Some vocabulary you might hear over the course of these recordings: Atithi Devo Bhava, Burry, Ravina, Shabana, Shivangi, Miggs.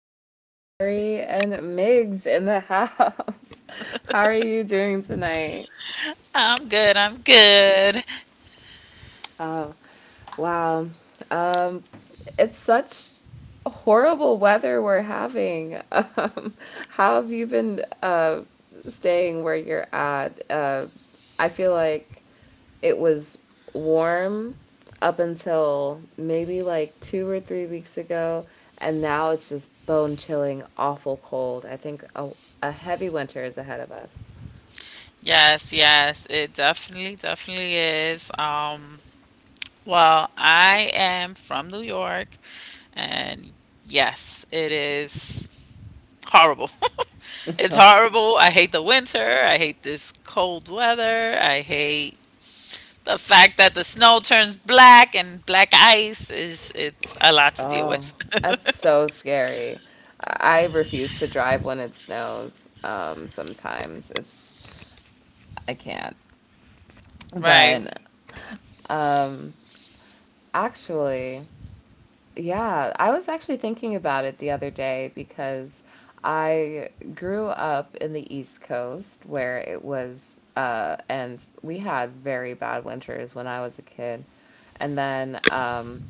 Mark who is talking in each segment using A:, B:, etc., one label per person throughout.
A: is Burry and Miggs in the house. How are you doing tonight?
B: I'm good. I'm good.
A: Oh, wow. Um, it's such horrible weather we're having. How have you been staying where you're at? I feel like it was warm up until maybe like 2 or 3 weeks ago, and now it's just bone chilling, awful cold. I think a heavy winter is ahead of us.
B: Yes, yes, it definitely, definitely is. Well, I am from New York, and yes, it is horrible. It's
A: Oh, no.
B: horrible. I hate the winter. I hate this cold weather. I hate the fact that the snow turns black and black ice is it's a lot to deal
A: Oh,
B: with.
A: that's so scary. I refuse to drive when it snows. Sometimes it's I can't.
B: Right,
A: But um, actually, yeah, I was actually thinking about it the other day because I grew up in the East Coast where it was, and we had very bad winters when I was a kid. And then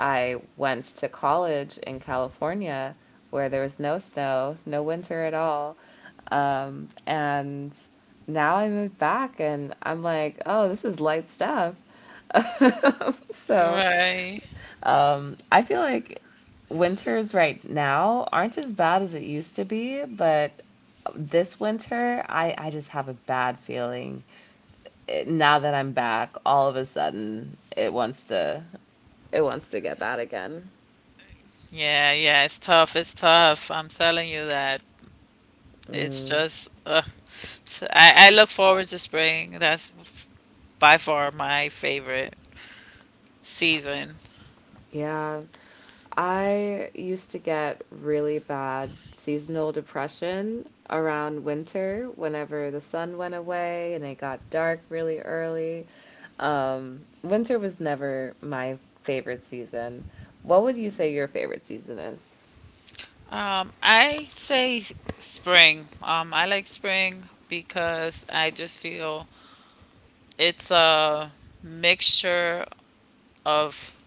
A: I went to college in California where there was no snow, no winter at all. And now I moved back and I'm like, oh, this is light stuff. So,
B: right.
A: I feel like winters right now aren't as bad as it used to be, but this winter, I just have a bad feeling. It, now that I'm back, all of a sudden it wants to get bad again.
B: Yeah, yeah, it's tough. It's tough. I'm telling you that. It's
A: Mm,
B: just, I look forward to spring. That's by far my favorite season.
A: yeah. I used to get really bad seasonal depression around winter whenever the sun went away and it got dark really early. Winter was never my favorite season. What would you say your favorite season is?
B: I say spring. I like spring because I just feel it's a mixture of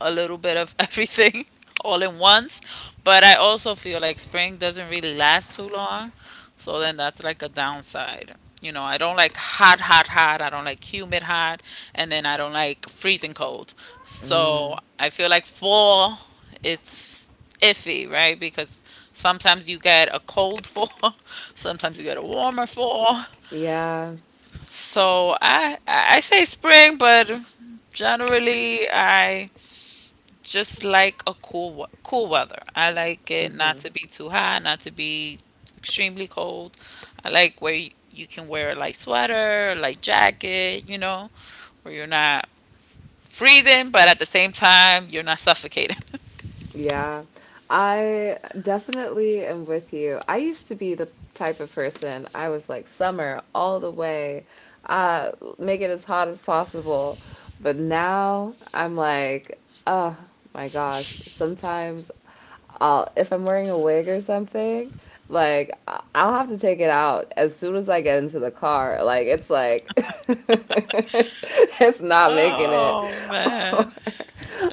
B: a little bit of everything all in once. But I also feel like spring doesn't really last too long. So then that's like a downside. You know, I don't like hot, hot, hot. I don't like humid, hot. And then I don't like freezing cold.
A: Mm,
B: So I feel like fall, it's iffy, right? Because sometimes you get a cold fall, sometimes you get a warmer fall.
A: yeah.
B: So I say spring, but generally I just like a cool weather. I like it not
A: Hmm.
B: to be too hot, not to be extremely cold. I like where you can wear a light sweater, a light jacket, where you're not freezing, but at the same time you're not suffocating.
A: Yeah, I definitely am with you. I used to be the type of person, I was like summer all the way, uh, make it as hot as possible. But now I'm like, oh my gosh, sometimes. I'll, if I'm wearing a wig or something, like I'll have to take it out as soon as I get into the car. Like it's like it's, it's not making it.
B: Oh,
A: Or,
B: man.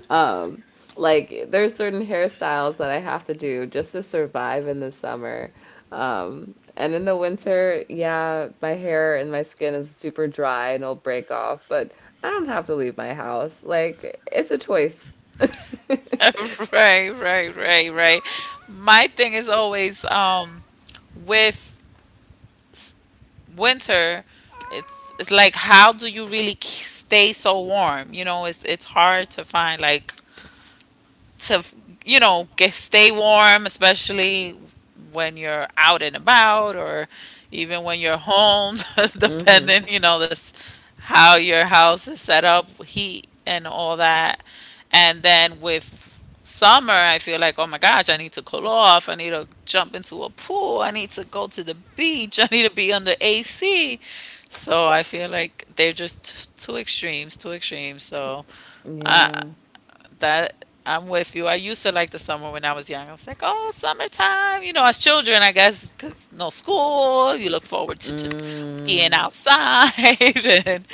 A: um, like there's certain hairstyles that I have to do just to survive in the summer. And in the winter, yeah, my hair and my skin is super dry and it'll break off, but I don't have to leave my house. Like it's a choice.
B: Right, right, right, right. My thing is always with winter, it's like, how do you really stay so warm? You know, it's hard to find, like, to get stay warm, especially when you're out and about or even when you're home,
A: Hmm.
B: depending, this, how your house is set up, heat and all that. And then with summer, I feel like, oh my gosh, I need to cool off, I need to jump into a pool, I need to go to the beach, I need to be under ac. So I feel like they're just two extremes, two extremes. So I
A: Yeah.
B: that I'm with you. I used to like the summer when I was young. I was like, oh, summertime. You know, as children, I guess, because no school, you look forward to just being
A: Mm,
B: outside and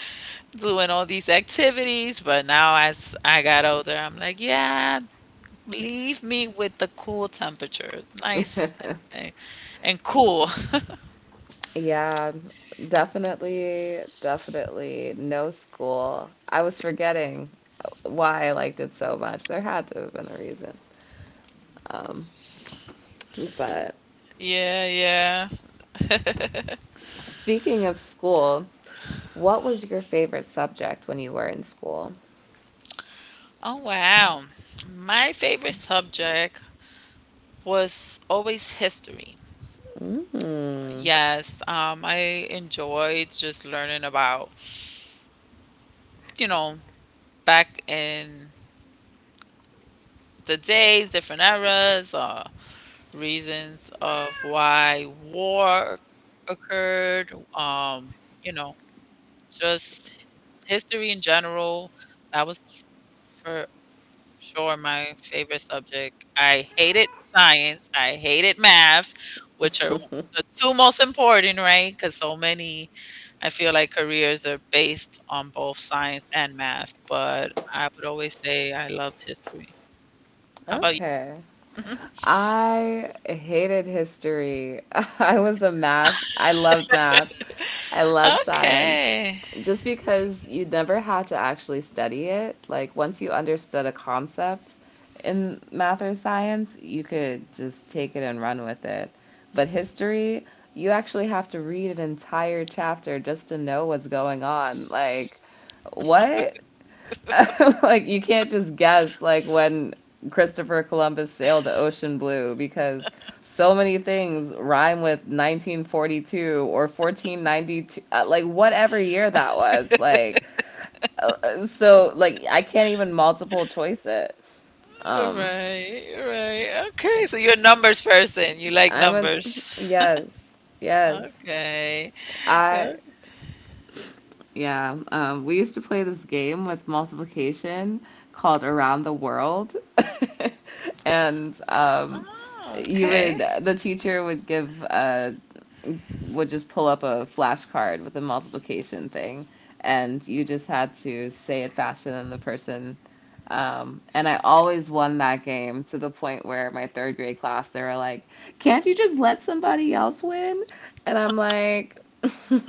B: doing all these activities. But now, as I got older, I'm like, yeah, leave me with the cool temperature, nice and cool.
A: yeah, definitely, definitely. No school. I was forgetting why I liked it so much. There had to have been a reason. But
B: Yeah, yeah.
A: speaking of school, what was your favorite subject when you were in school?
B: Oh, wow. My favorite subject was always history.
A: Hmm.
B: Yes, I enjoyed just learning about, you know, back in the days, different eras, reasons of why war occurred, you know, just history in general. That was for sure my favorite subject. I hated science, I hated math, which are the two most important, right? Because so many I feel like careers are based on both science and math, but I would always say I loved history. How about you?
A: Okay. I hated history. I was a math. I loved math. I loved science.
B: Okay.
A: Just because you never had to actually study it. Like once you understood a concept in math or science, you could just take it and run with it. But history, you actually have to read an entire chapter just to know what's going on. Like, what? Like you can't just guess like when Christopher Columbus sailed the ocean blue because so many things rhyme with 1942 or 1492, like whatever year that was, like so like I can't even multiple choice it. Um
B: Right, right. Okay. So you're a numbers person. You like
A: I'm a
B: numbers.
A: yes. Yes.
B: Okay.
A: I
B: Good.
A: Yeah, we used to play this game with multiplication called Around the World. And
B: Oh,
A: you
B: okay.
A: would, the teacher would just pull up a flashcard with a multiplication thing, and you just had to say it faster than the person. And I always won that game to the point where my third grade class, they were like, "Can't you just let somebody else win?" And I'm like,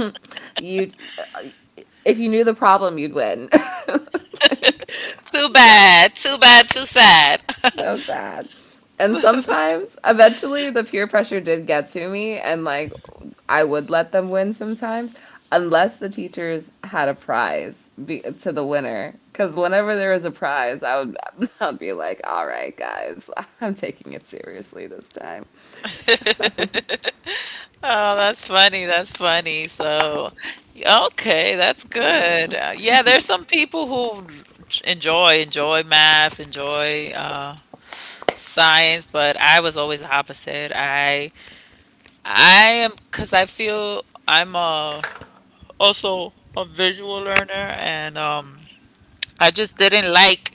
A: "You, if you knew the problem, you'd win." Like,
B: Too
A: so.
B: bad. Too bad. Too sad.
A: So sad. And sometimes, eventually, the peer pressure did get to me, and like I would let them win sometimes, unless the teachers had a prize be to the winner. Because whenever there was a prize, I would I'd be like, "All right, guys, I'm taking it seriously this time."
B: Oh, that's funny, that's funny. So, yeah, okay, that's
A: Yeah.
B: good. Yeah, there's some people who enjoy math, enjoy science, but I was always the opposite. I am because I feel I'm a also a visual learner, and I just didn't like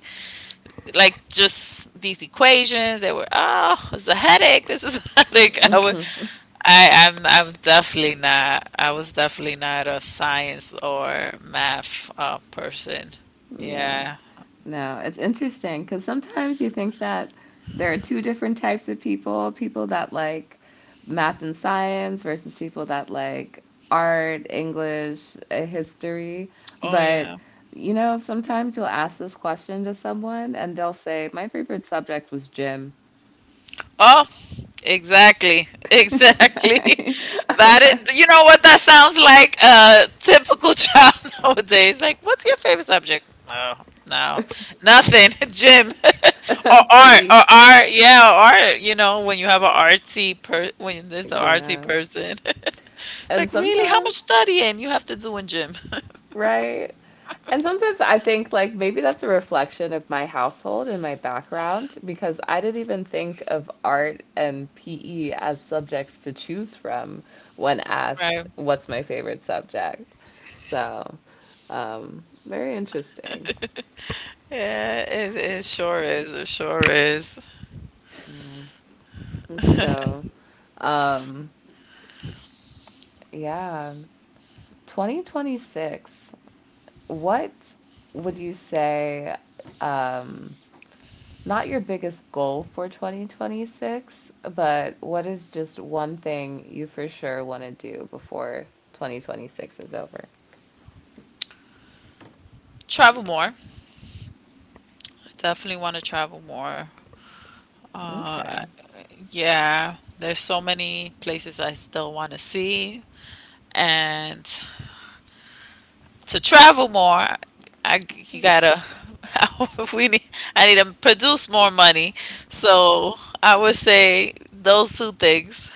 B: just these equations. They were, oh, it's a headache. This is a headache. I wa- I am I'm definitely not. I was definitely not a science or math person.
A: Yeah.
B: Yeah.
A: No, it's interesting because sometimes you think that there are two different types of people, people that like math and science versus people that like art, English, history.
B: Oh
A: But,
B: yeah.
A: you know, sometimes you'll ask this question to someone and they'll say, my favorite subject was gym.
B: Oh, exactly. Exactly.
A: Right?
B: That
A: I'm
B: it, you know what that sounds like, a typical child nowadays. Like, what's your favorite subject? No, no. Nothing. Gym. Or
A: like,
B: art.
A: PE.
B: Or art. Yeah, or art. You know, when there's an artsy
A: Yeah.
B: person.
A: And
B: Like, really? How much
A: sometimes.
B: studying you have to do in gym?
A: Right. And sometimes I think like maybe that's a reflection of my household and my background because I didn't even think of art and PE as subjects to choose from when asked
B: Right.
A: what's my favorite subject. So, very interesting.
B: Yeah, it sure is. It sure is.
A: And so, um, yeah, 2026, what would you say um not your biggest goal for 2026, but what is just one thing you for sure want to do before 2026 is over?
B: Travel more. I Definitely want to travel more. Uh,
A: Okay,
B: I- yeah, there's so many places I still want to see. And to travel more, you gotta we need I need to produce more money. So I would say those two things.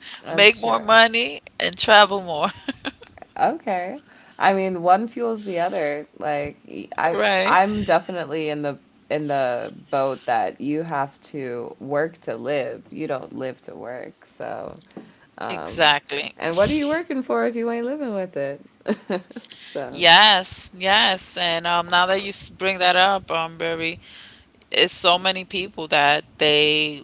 B: Make
A: that's
B: more
A: true.
B: money and travel more.
A: Okay. I mean, one fuels the other. Like I
B: Right.
A: I'm definitely in the boat that you have to work to live. You don't live to work. So, um
B: Exactly.
A: and what are you working for if you ain't living with it? So,
B: Yes, yes, and now that you bring that up, Barry, it's so many people that they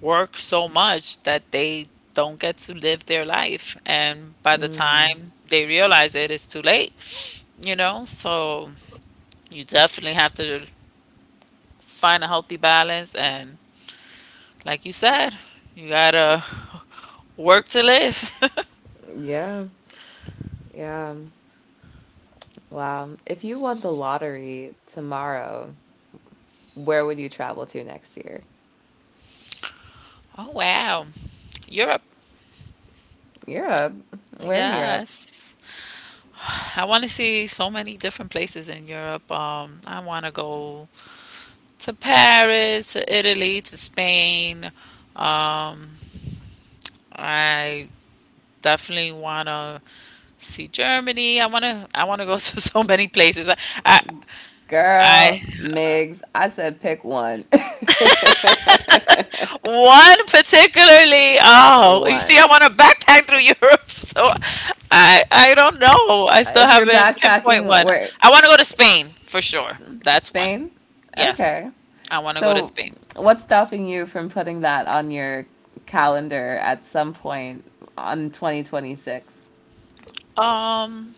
B: work so much that they don't get to live their life, and by the
A: mm,
B: time they realize it, it's too late, you know? So you definitely have to find a healthy balance, and like you said, you gotta work to live.
A: yeah. Yeah. Wow. If you won the lottery tomorrow, where would you travel to next year?
B: Oh, wow. Europe.
A: Europe. Where in Europe?
B: Yes. I want to see so many different places in Europe. I want to go to Paris, to Italy, to Spain. Um, I definitely want to see Germany. I want to go to so many places. I
A: Girl,
B: I
A: Migs, I said pick one.
B: one particularly. Oh, you see, I
A: One.
B: want to backpack through Europe, so I don't know. I still
A: If you're
B: haven't pinpoint
A: backpacking,
B: one.
A: where?
B: I want to go to Spain for sure.
A: S-
B: That's one.
A: Spain?
B: Yes,
A: Okay.
B: I want to go to
A: So,
B: Spain.
A: what's stopping you from putting that on your calendar at some point on 2026?
B: Um,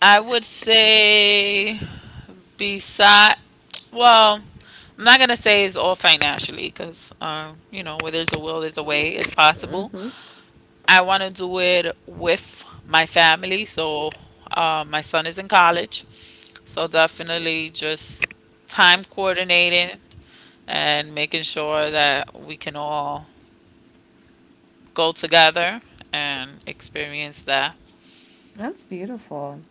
B: I would say beside, well, I'm not gonna say it's all financially because, where there's a will, there's a way. It's possible.
A: Hmm.
B: I want to do it with my family. So, my son is in college, so definitely just time coordinating and making sure that we can all go together and experience that.
A: That's beautiful.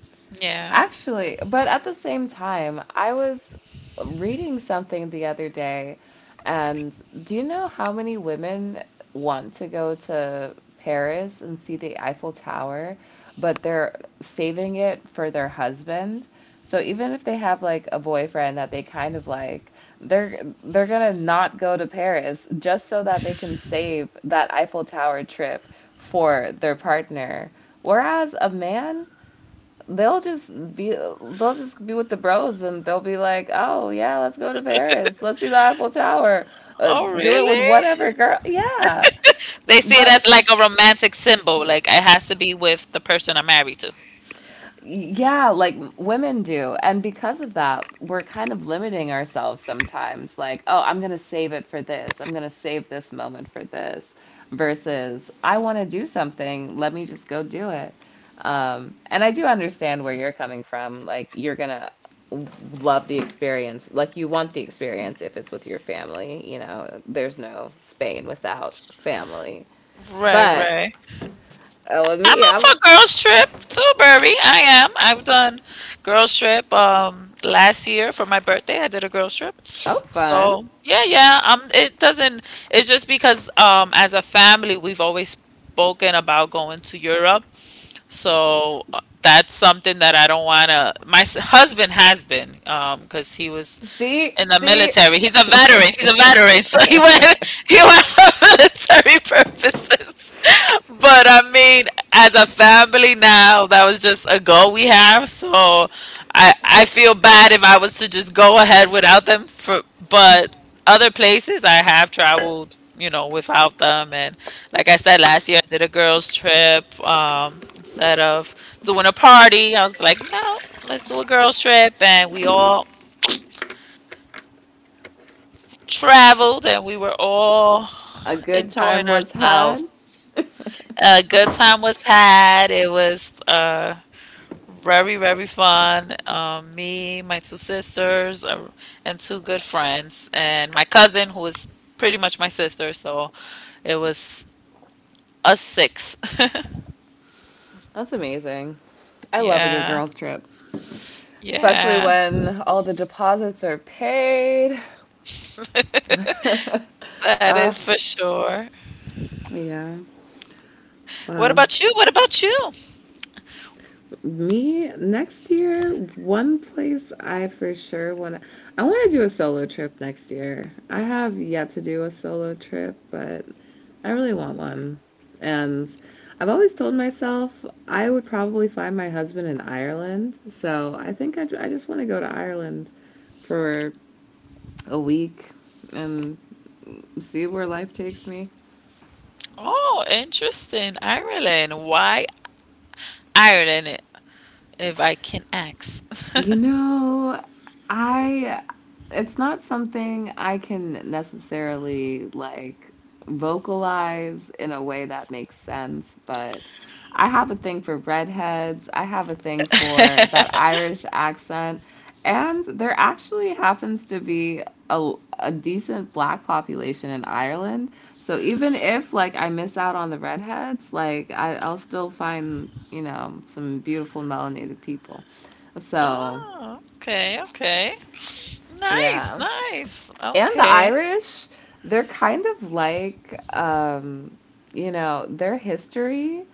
B: Yeah.
A: Actually, but at the same time, I was reading something the other day, and do you know how many women want to go to Paris and see the Eiffel Tower, but they're saving it for their husband? So even if they have like a boyfriend that they kind of like, they're gonna not go to Paris just so that they can save that Eiffel Tower trip for their partner. Whereas a man they'll just be with the bros and they'll be like, "Oh yeah, let's go to Paris. Let's do the Eiffel Tower.
B: Oh,
A: Do it with
B: really?
A: whatever girl." Yeah.
B: They see it
A: But
B: as like a romantic symbol. Like it has to be with the person I'm married to.
A: yeah, like women do. And because of that, we're kind of limiting ourselves sometimes. Like, oh, I'm going to save it for this. I'm going to save this moment for this. Versus, I want to do something. Let me just go do it. And I do understand where you're coming from. Like, you're going to love the experience. Like, you want the experience if it's with your family. You know, there's no Spain without family.
B: Right,
A: But
B: right.
A: with
B: I'm
A: me,
B: up
A: I'm,
B: for girls trip too, Burby. I am. I've done girls trip last year for my birthday. I did a girls trip.
A: I'm fun.
B: So yeah, yeah. It doesn't. It's just because as a family we've always spoken about going to Europe. So that's something that I don't wanna. My husband has been because he was
A: See,
B: in the
A: see,
B: military. He's a veteran. He's a veteran, so he went he went for military purposes. But I mean, as a family now, that was just a goal we have. So I feel bad if I was to just go ahead without them. For but other places I have traveled, you know, without them. And like I said last year, I did a girls trip. Instead of doing a party, I was like, no, let's do a girls trip, and we all traveled, and we were all
A: a good
B: enjoying
A: time was
B: ourselves.
A: had.
B: A good time was had. It was very, very fun. Me, my two sisters, and two good friends, and my cousin, who is pretty much my sister. So it was us six.
A: That's amazing. I love a good
B: Yeah,
A: girls' trip, especially
B: yeah.
A: when all the deposits are paid.
B: That is
A: uh,
B: for sure.
A: yeah.
B: What
A: Wow.
B: about you? What about you?
A: Me next year, one place I for sure want to do a solo trip next year. I have yet to do a solo trip, but I really want one. And I've always told myself I would probably find my husband in Ireland. So I think I just want to go to Ireland for a week and see where life takes me.
B: Oh, interesting. Ireland. Why Ireland, if I can ask?
A: You know, I it's not something I can necessarily like vocalize in a way that makes sense, but I have a thing for redheads. I have a thing for that Irish accent, and there actually happens to be a, a decent black population in Ireland. So even if like I miss out on the redheads, like I'll still find, some beautiful melanated people. So,
B: Oh, okay, okay. Nice,
A: yeah.
B: nice.
A: And the
B: Okay.
A: Irish, they're kind of like, their history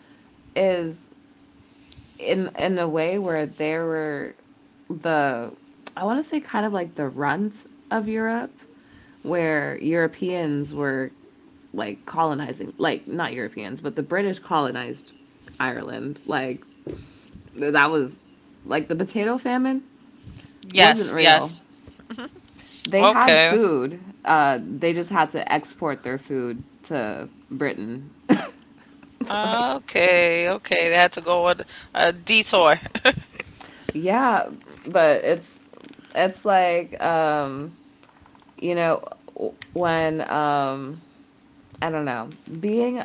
A: is in a way where they were the, I want to say kind of like the runt of Europe, where Europeans were like colonizing, like not Europeans, but the British colonized Ireland. Like that was like the potato famine wasn't
B: Yes,
A: real.
B: yes.
A: They had
B: Okay.
A: food. They just had to export their food to Britain. Like,
B: Okay, okay. They had to go on a detour.
A: yeah, but it's like you know when I don't know, being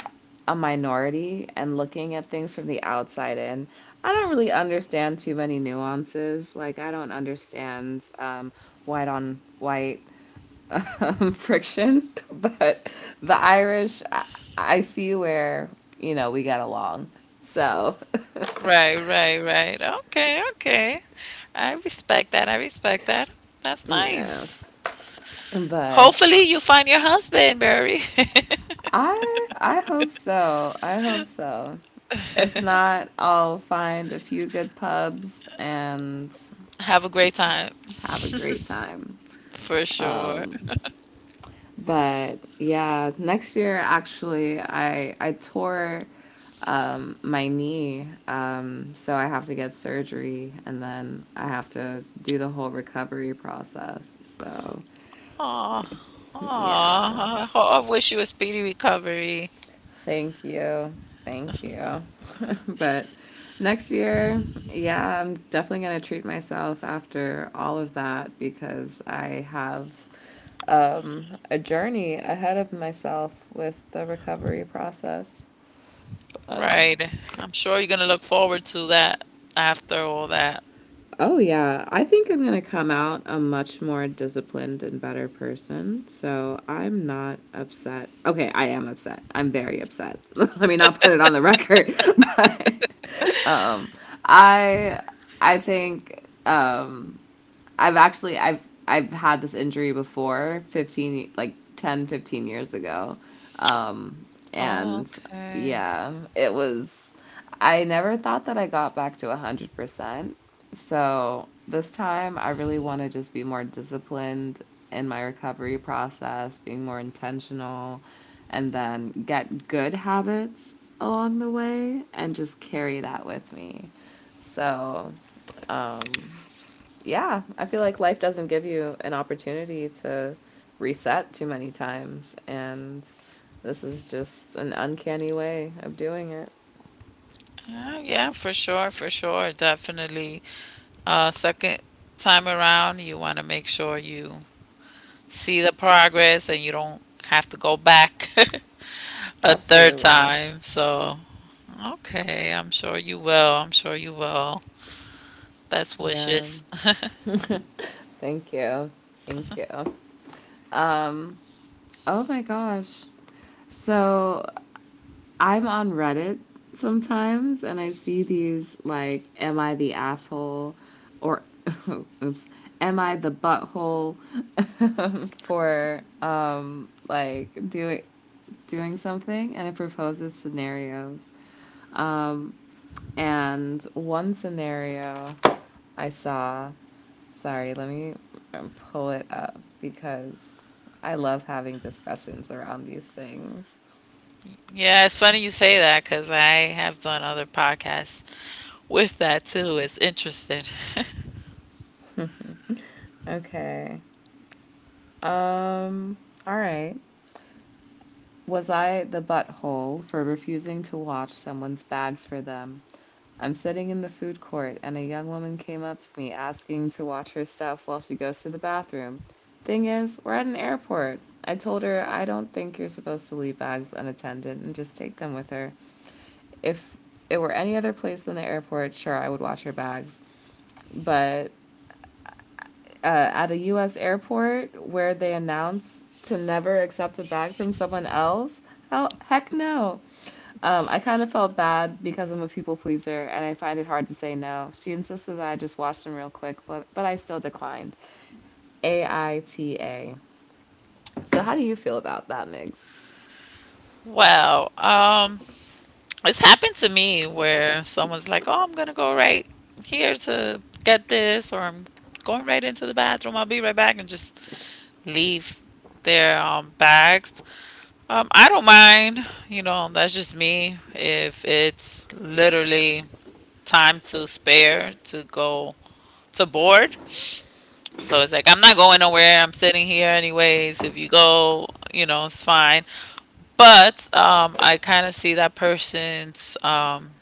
A: a minority and looking at things from the outside in. I don't really understand too many nuances. Like, I don't understand white on white, friction, but the Irish, I see where, we got along. So,
B: Right, right, right. Okay, okay. I respect that. I respect that. That's
A: yeah.
B: nice.
A: But
B: Hopefully you find your husband, Barry.
A: I hope so. I hope so. If not, I'll find a few good pubs and
B: Have a great time.
A: have a great
B: For
A: time.
B: sure.
A: Um, But yeah, next year actually I tore my knee. So I have to get surgery and then I have to do the whole recovery process. So,
B: Aw,
A: yeah.
B: aw. I wish you a speedy recovery.
A: Thank you. Thank you. But next year, yeah, I'm definitely going to treat myself after all of that because I have a journey ahead of myself with the recovery process. Uh,
B: Right. I'm sure you're gonna look forward to that after all that.
A: oh, yeah. I think I'm going to come out a much more disciplined and better person. So I'm not upset. Okay, I am upset. I'm very upset. Let me not put it on the record. But um, I I think. I've actually I've had this injury before, 15, like 10 to 15 years ago. Um
B: Oh,
A: and
B: okay.
A: yeah, it was I never thought that I got back to 100%. So this time I really want to just be more disciplined in my recovery process, being more intentional, and then get good habits along the way and just carry that with me. So, um yeah, I feel like life doesn't give you an opportunity to reset too many times, and this is just an uncanny way of doing it.
B: Yeah, yeah, for sure, definitely. Second time around, you want to make sure you see the progress and you don't have to go back a third
A: Absolutely.
B: time. So, okay, I'm sure you will. I'm sure you will. Best
A: Yeah.
B: wishes.
A: Thank you. Thank you. Um, oh my gosh. So I'm on Reddit sometimes and I see these like, am I the asshole? Or, oops, am I the butthole for like doing something? And it proposes scenarios. Um, and one scenario I saw, sorry, let me pull it up because I love having discussions around these things.
B: Yeah, it's funny you say that because I have done other podcasts with that too. It's interesting.
A: Okay. Um, all right. Was I the butthole for refusing to watch someone's bags for them? I'm sitting in the food court and a young woman came up to me asking to watch her stuff while she goes to the bathroom. Thing is, we're at an airport. I told her I don't think you're supposed to leave bags unattended and just take them with her. If it were any other place than the airport, sure, I would watch her bags. But at a US airport where they announce to never accept a bag from someone else? Hell, heck no. I kind of felt bad because I'm a people pleaser and I find it hard to say no. She insisted that I just watch them real quick, but I still declined. AITA. So how do you feel about that, Migs?
B: Wow. It's happened to me where someone's like, "Oh, I'm gonna go right here to get this," or "I'm going right into the bathroom. I'll be right back," and just leave their bags. I don't mind. You know, that's just me. If it's literally time to spare to go to board, so it's like, I'm not going nowhere. I'm sitting here anyways. If you go, it's fine. But I kind of see that person's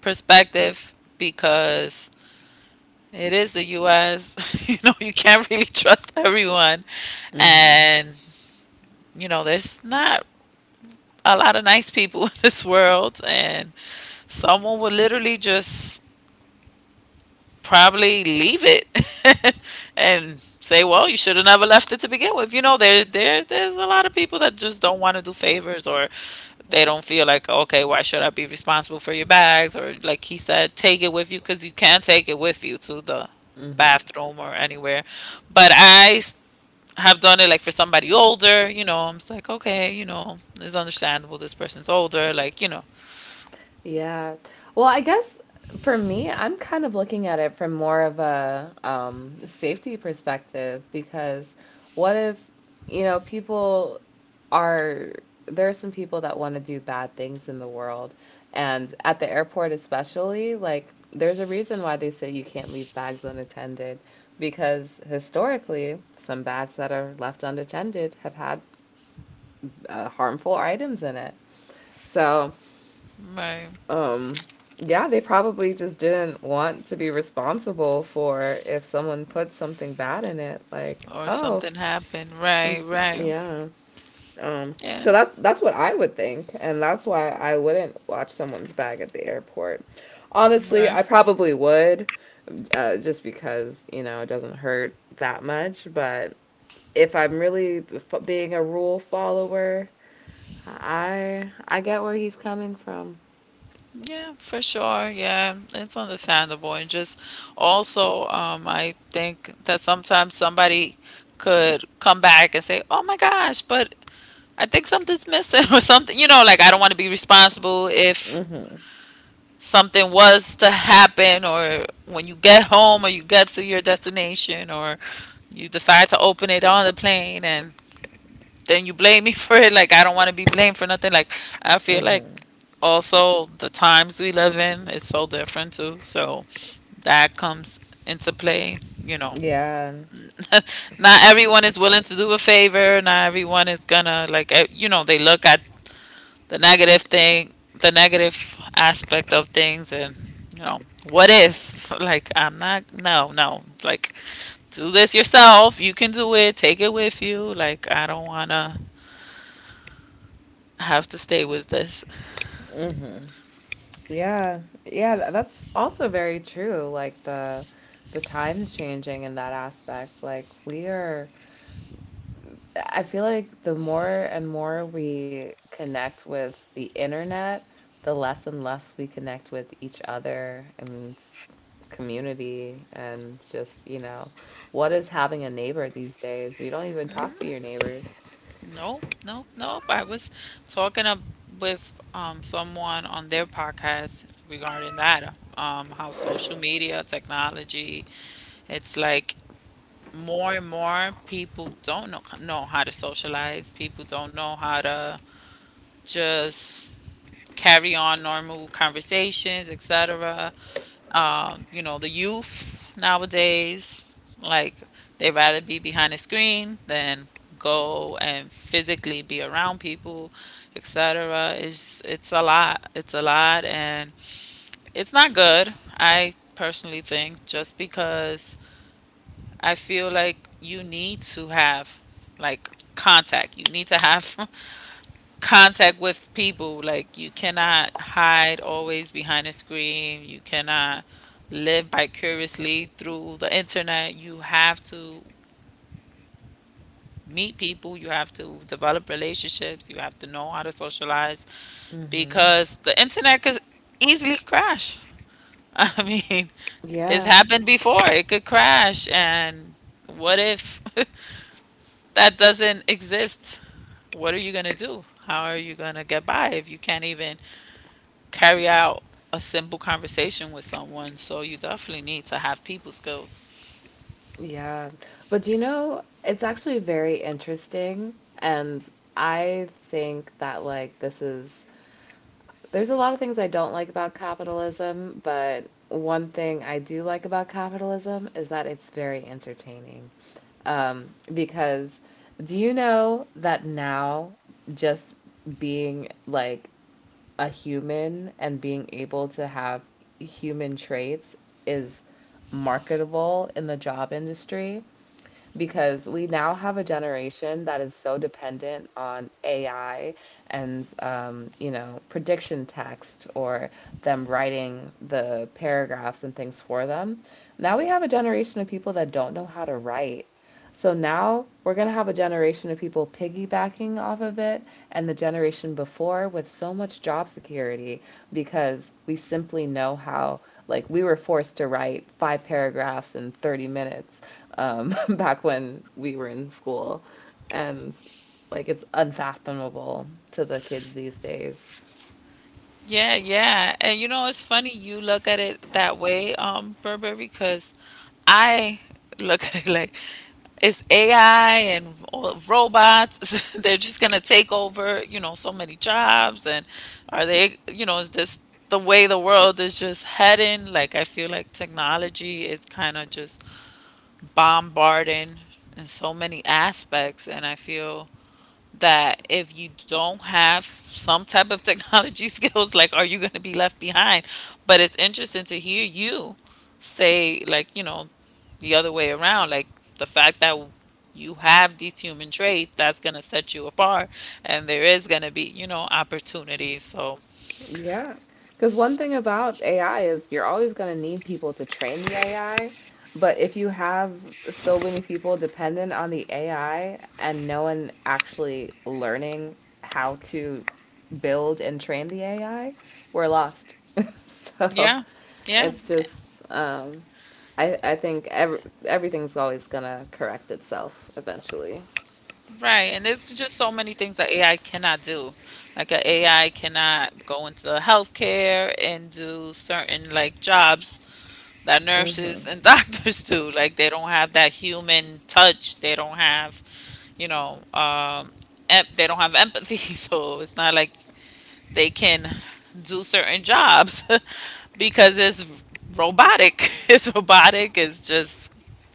B: perspective because it is the US. You know, you can't really trust everyone.
A: Mm-hmm.
B: And, you know, there's not a lot of nice people in this world. And someone would literally just probably leave it and say, "Well, you should have never left it to begin with." You know, there's a lot of people that just don't want to do favors, or they don't feel like, "Okay, why should I be responsible for your bags?" or like he said, "Take it with you cuz you can take it with you to the bathroom or anywhere." But I s- have done it like for somebody older. You know, I'm just like, "Okay, you know, it's understandable, this person's older, like, you know,
A: Yeah. Well, I guess for me, I'm kind of looking at it from more of a safety perspective because what if, you know, are, there are some people that want to do bad things in the world. And at the airport, especially, like, there's a reason why they say you can't leave bags unattended because historically, some bags that are left unattended have had harmful items in it. So,
B: right
A: um yeah, they probably just didn't want to be responsible for if someone put something bad in it, like,
B: or something happened." Right, right.
A: yeah,
B: Yeah.
A: so that's what I would think, and that's why I wouldn't watch someone's bag at the airport. Honestly,
B: Right.
A: I probably would, just because, you know, it doesn't hurt that much. But if I'm really f being a rule follower, I get where he's coming from.
B: Yeah, for sure. Yeah, it's understandable. And just also, I think that sometimes somebody could come back and say, "Oh my gosh, but I think something's missing or something." You know, like I don't want to be responsible if
A: hmm
B: something was to happen, or when you get home or you get to your destination, or you decide to open it on the plane and then you blame me for it. Like I don't want to be blamed for nothing. Like I feel like
A: hmm
B: also the times we live in is so different too. So that comes into play. You know,
A: Yeah.
B: not everyone is willing to do a favor. Not everyone is gonna like. You know, they look at the negative thing, the negative aspect of things, and you know, what if? Like, I'm not. No, no. Like, do this yourself. You can do it. Take it with you. Like, I don't wanna have to stay with this.
A: hmm Yeah. That's also very true. Like, the times changing in that aspect. Like we are I feel like the more and more we connect with the internet, the less and less we connect with each other and community and just, you know, what is having a neighbor these days? You don't even talk to your neighbors.
B: Nope, nope, nope. I was talking up with someone on their podcast regarding that, how social media, technology, it's like more and more people don't know how to socialize. People don't know how to just carry on normal conversations, etc. You know, the youth nowadays, like they rather be behind a screen than go and physically be around people, etc. It's a lot. It's a lot, and it's not good. I personally think, just because I feel like you need to have like contact. You need to have contact with people. Like you cannot hide always behind a screen. You cannot live vicariously through the internet. You have to meet people. You have to develop relationships. You have to know how to socialize,
A: hmm
B: because the internet could easily crash. I mean, it's
A: Yeah.
B: happened before. It could crash, and what if that doesn't exist? What are you gonna do? How are you gonna get by if you can't even carry out a simple conversation with someone? So you definitely need to have people skills.
A: Yeah. But, do you know, it's actually very interesting. And I think that, there's a lot of things I don't like about capitalism, but one thing I do like about capitalism is that it's very entertaining. Um, because do you know that now just being like a human and being able to have human traits is marketable in the job industry? Because we now have a generation that is so dependent on AI and, you know, prediction text or them writing the paragraphs and things for them. Now we have a generation of people that don't know how to write. So now we're going to have a generation of people piggybacking off of it, and the generation before with so much job security because we simply know how, like, we were forced to write five paragraphs in 30 minutes, back when we were in school. And, like, it's unfathomable to the kids these days.
B: Yeah, yeah. And you know, it's funny you look at it that way, Burberry, because I look at it like it's AI and all robots. They're just gonna take over, you know, so many jobs. And are they, you know, is this the way the world is just heading? Like, I feel like technology is kind of just bombarding in so many aspects. And I feel that if you don't have some type of technology skills, like, are you going to be left behind? But it's interesting to hear you say, like, you know, the other way around, like the fact that you have these human traits that's going to set you apart, and there is going to be, you know, opportunities. So,
A: Yeah. Because one thing about AI is you're always going to need people to train the AI. But if you have so many people dependent on the AI and no one actually learning how to build and train the AI, we're lost. So
B: yeah, yeah.
A: it's just, I think everything's always going to correct itself eventually.
B: Right, and there's just so many things that AI cannot do. Like a AI cannot go into healthcare and do certain like jobs that nurses and doctors do. Like they don't have that human touch. They don't have, you know, they don't have empathy. So it's not like they can do certain jobs because it's robotic. It's robotic. It's just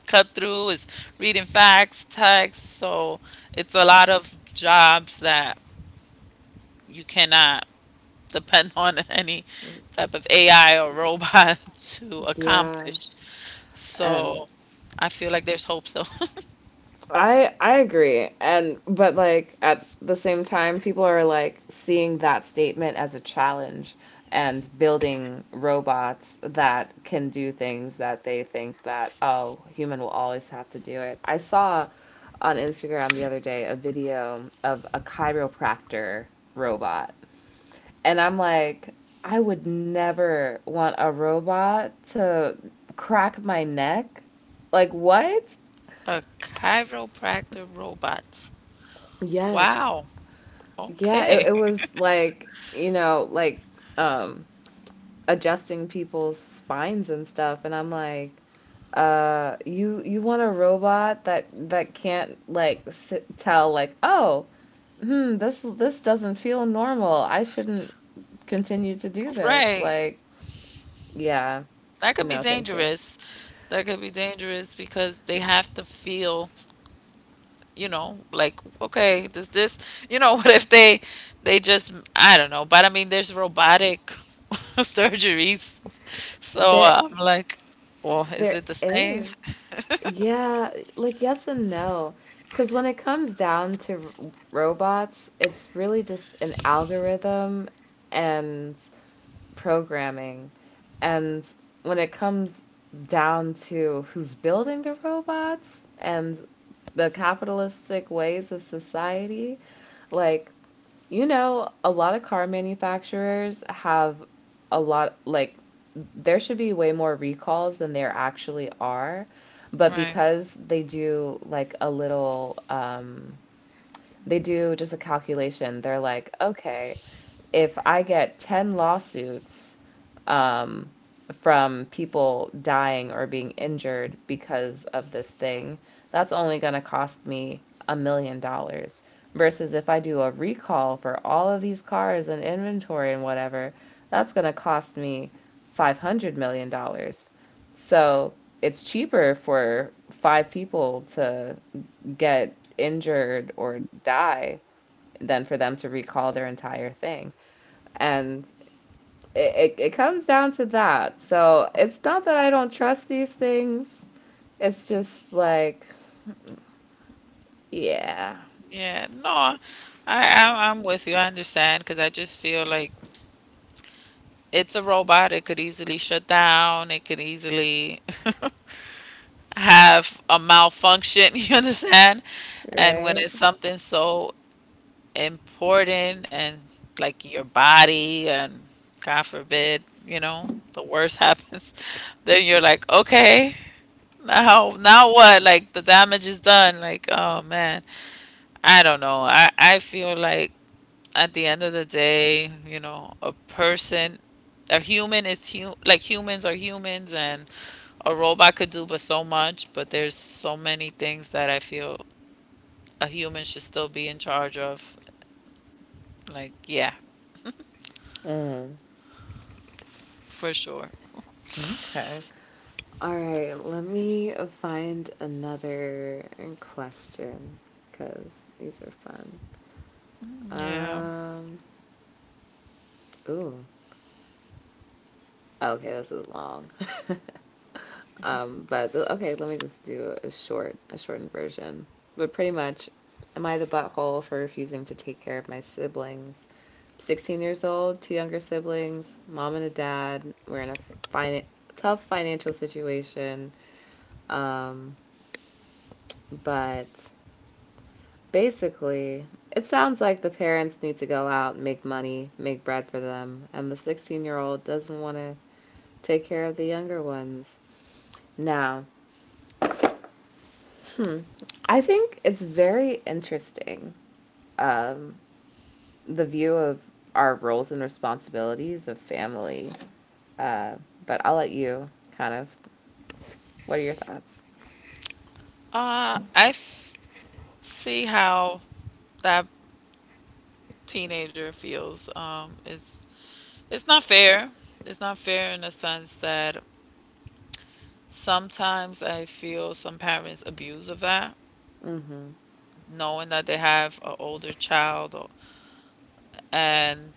B: cut through. It's reading facts, text. So it's a lot of jobs that you cannot depend on any type of AI or robot to
A: Yeah.
B: accomplish.
A: And
B: So I feel like there's hope still.
A: I agree. And but, like, at the same time, people are like seeing that statement as a challenge and building robots that can do things that they think that, oh, human will always have to do it. I saw on Instagram the other day a video of a chiropractor robot. And I'm like, I would never want a robot to crack my neck. Like what?
B: A chiropractor robot.
A: Yes.
B: Wow.
A: Yeah,
B: Okay.
A: it was like, you know, like, um adjusting people's spines and stuff, and I'm like, you want a robot that can't like s tell, like, "Oh, hmm, this doesn't feel normal. I shouldn't continue to do this."
B: Right.
A: Like, yeah,
B: That could be
A: no, thank you.
B: dangerous. That could be dangerous because they have to feel, you know, like, okay, does this, you know, what if they just, I don't know, but I mean, there's robotic surgeries. So
A: There
B: I'm like, well, is
A: there
B: it the same?
A: is Yeah, like, yes and no. Because when it comes down to robots, it's really just an algorithm and programming. And when it comes down to who's building the robots and the capitalistic ways of society, like, you know, a lot of car manufacturers have a lot, like, there should be way more recalls than there actually are. But
B: Right.
A: because they do like a little, they do just a calculation. They're like, okay, if I get 10 lawsuits, um, from people dying or being injured because of this thing, that's only going to cost me $1 million. Versus if I do a recall for all of these cars and inventory and whatever, that's going to cost me $500 million. Dollars. So it's cheaper for five people to get injured or die than for them to recall their entire thing. And it comes down to that. So it's not that I don't trust these things, it's just like, yeah,
B: Yeah. No, I'm with you. I understand because I just feel like it's a robot. It could easily shut down. It could easily. Have a malfunction, you understand? And when
A: right?
B: it's something so important, and like your body, and God forbid, you know, the worst happens, then you're like, okay, now now what? Like the damage is done. Like, oh man. I don't know. I feel like at the end of the day, you know, a human is hu like humans are humans, and a robot could do but so much, but there's so many things that I feel a human should still be in charge of. Like, yeah,
A: Mm.
B: for sure.
A: Okay. All right, let me find another question because these are fun.
B: Yeah.
A: Um, Ooh, okay, this is long. But okay, let me just do a shortened version. But pretty much, am I the butthole for refusing to take care of my siblings? I'm 16 years old, two younger siblings, mom and a dad. We're in a fin- tough financial situation. Um, but Basically, it sounds like the parents need to go out and make money, make bread for them, and the 16-year-old doesn't want to take care of the younger ones. Now, I think it's very interesting, um, the view of our roles and responsibilities of family. Uh, but I'll let you kind of. What are your thoughts?
B: I f See how that teenager feels. It's not fair. It's not fair in the sense that sometimes I feel some parents abuse of that,
A: Mm-hmm.
B: knowing that they have an older child, or, and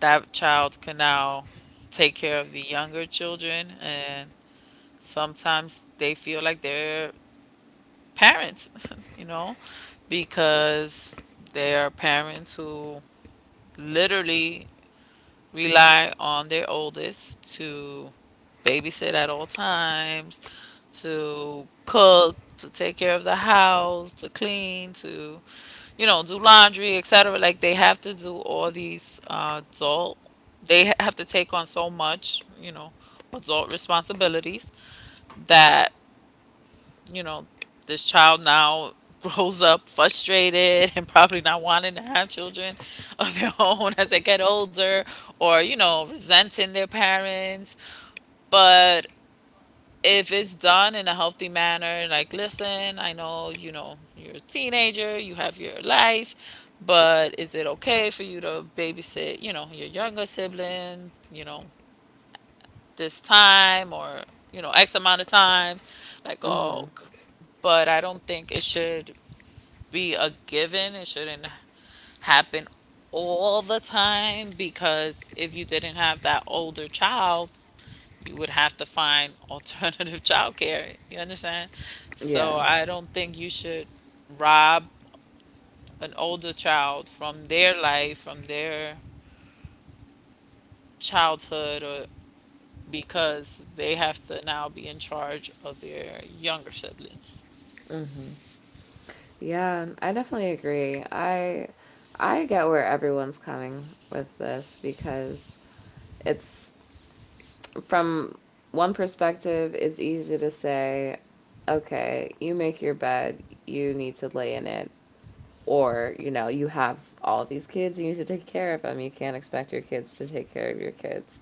B: that child can now take care of the younger children, and sometimes they feel like they're parents, you know, because they are parents who literally rely on their oldest to babysit at all times, to cook, to take care of the house, to clean, to, you know, do laundry, etc. Like they have to do all these adult, they have to take on so much, you know, adult responsibilities that, you know, this child now grows up frustrated and probably not wanting to have children of their own as they get older, or, you know, resenting their parents. But if it's done in a healthy manner, like, listen, I know, you know, you're a teenager, you have your life, but is it okay for you to babysit, you know, your younger sibling, you know, this time, or, you know, X amount of time? Like,
A: Mm-hmm.
B: but I don't think it should be a given. It shouldn't happen all the time, because if you didn't have that older child, you would have to find alternative childcare. You understand?
A: Yeah.
B: So I don't think you should rob an older child from their life, from their childhood, or because they have to now be in charge of their younger siblings.
A: Mm-hmm. Yeah, I definitely agree. I get where everyone's coming with this because it's from one perspective, it's easy to say, okay, you make your bed, you need to lay in it. Or, you know, you have all these kids and you need to take care of them. You can't expect your kids to take care of your kids.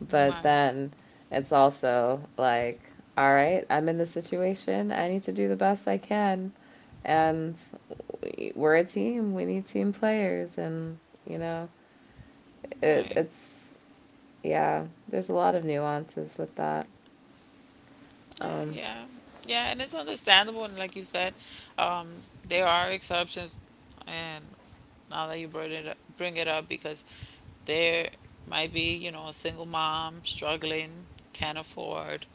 A: But
B: Right.
A: then it's also like, all right, I'm in this situation. I need to do the best I can. And are a team. We need team players. And, you know, it,
B: Right.
A: it's, yeah, there's a lot of nuances with that.
B: Yeah,
A: Um,
B: yeah, yeah, and it's understandable. And like you said, um, there are exceptions. And now that you bring it up, because there might be, you know, a single mom struggling, can't afford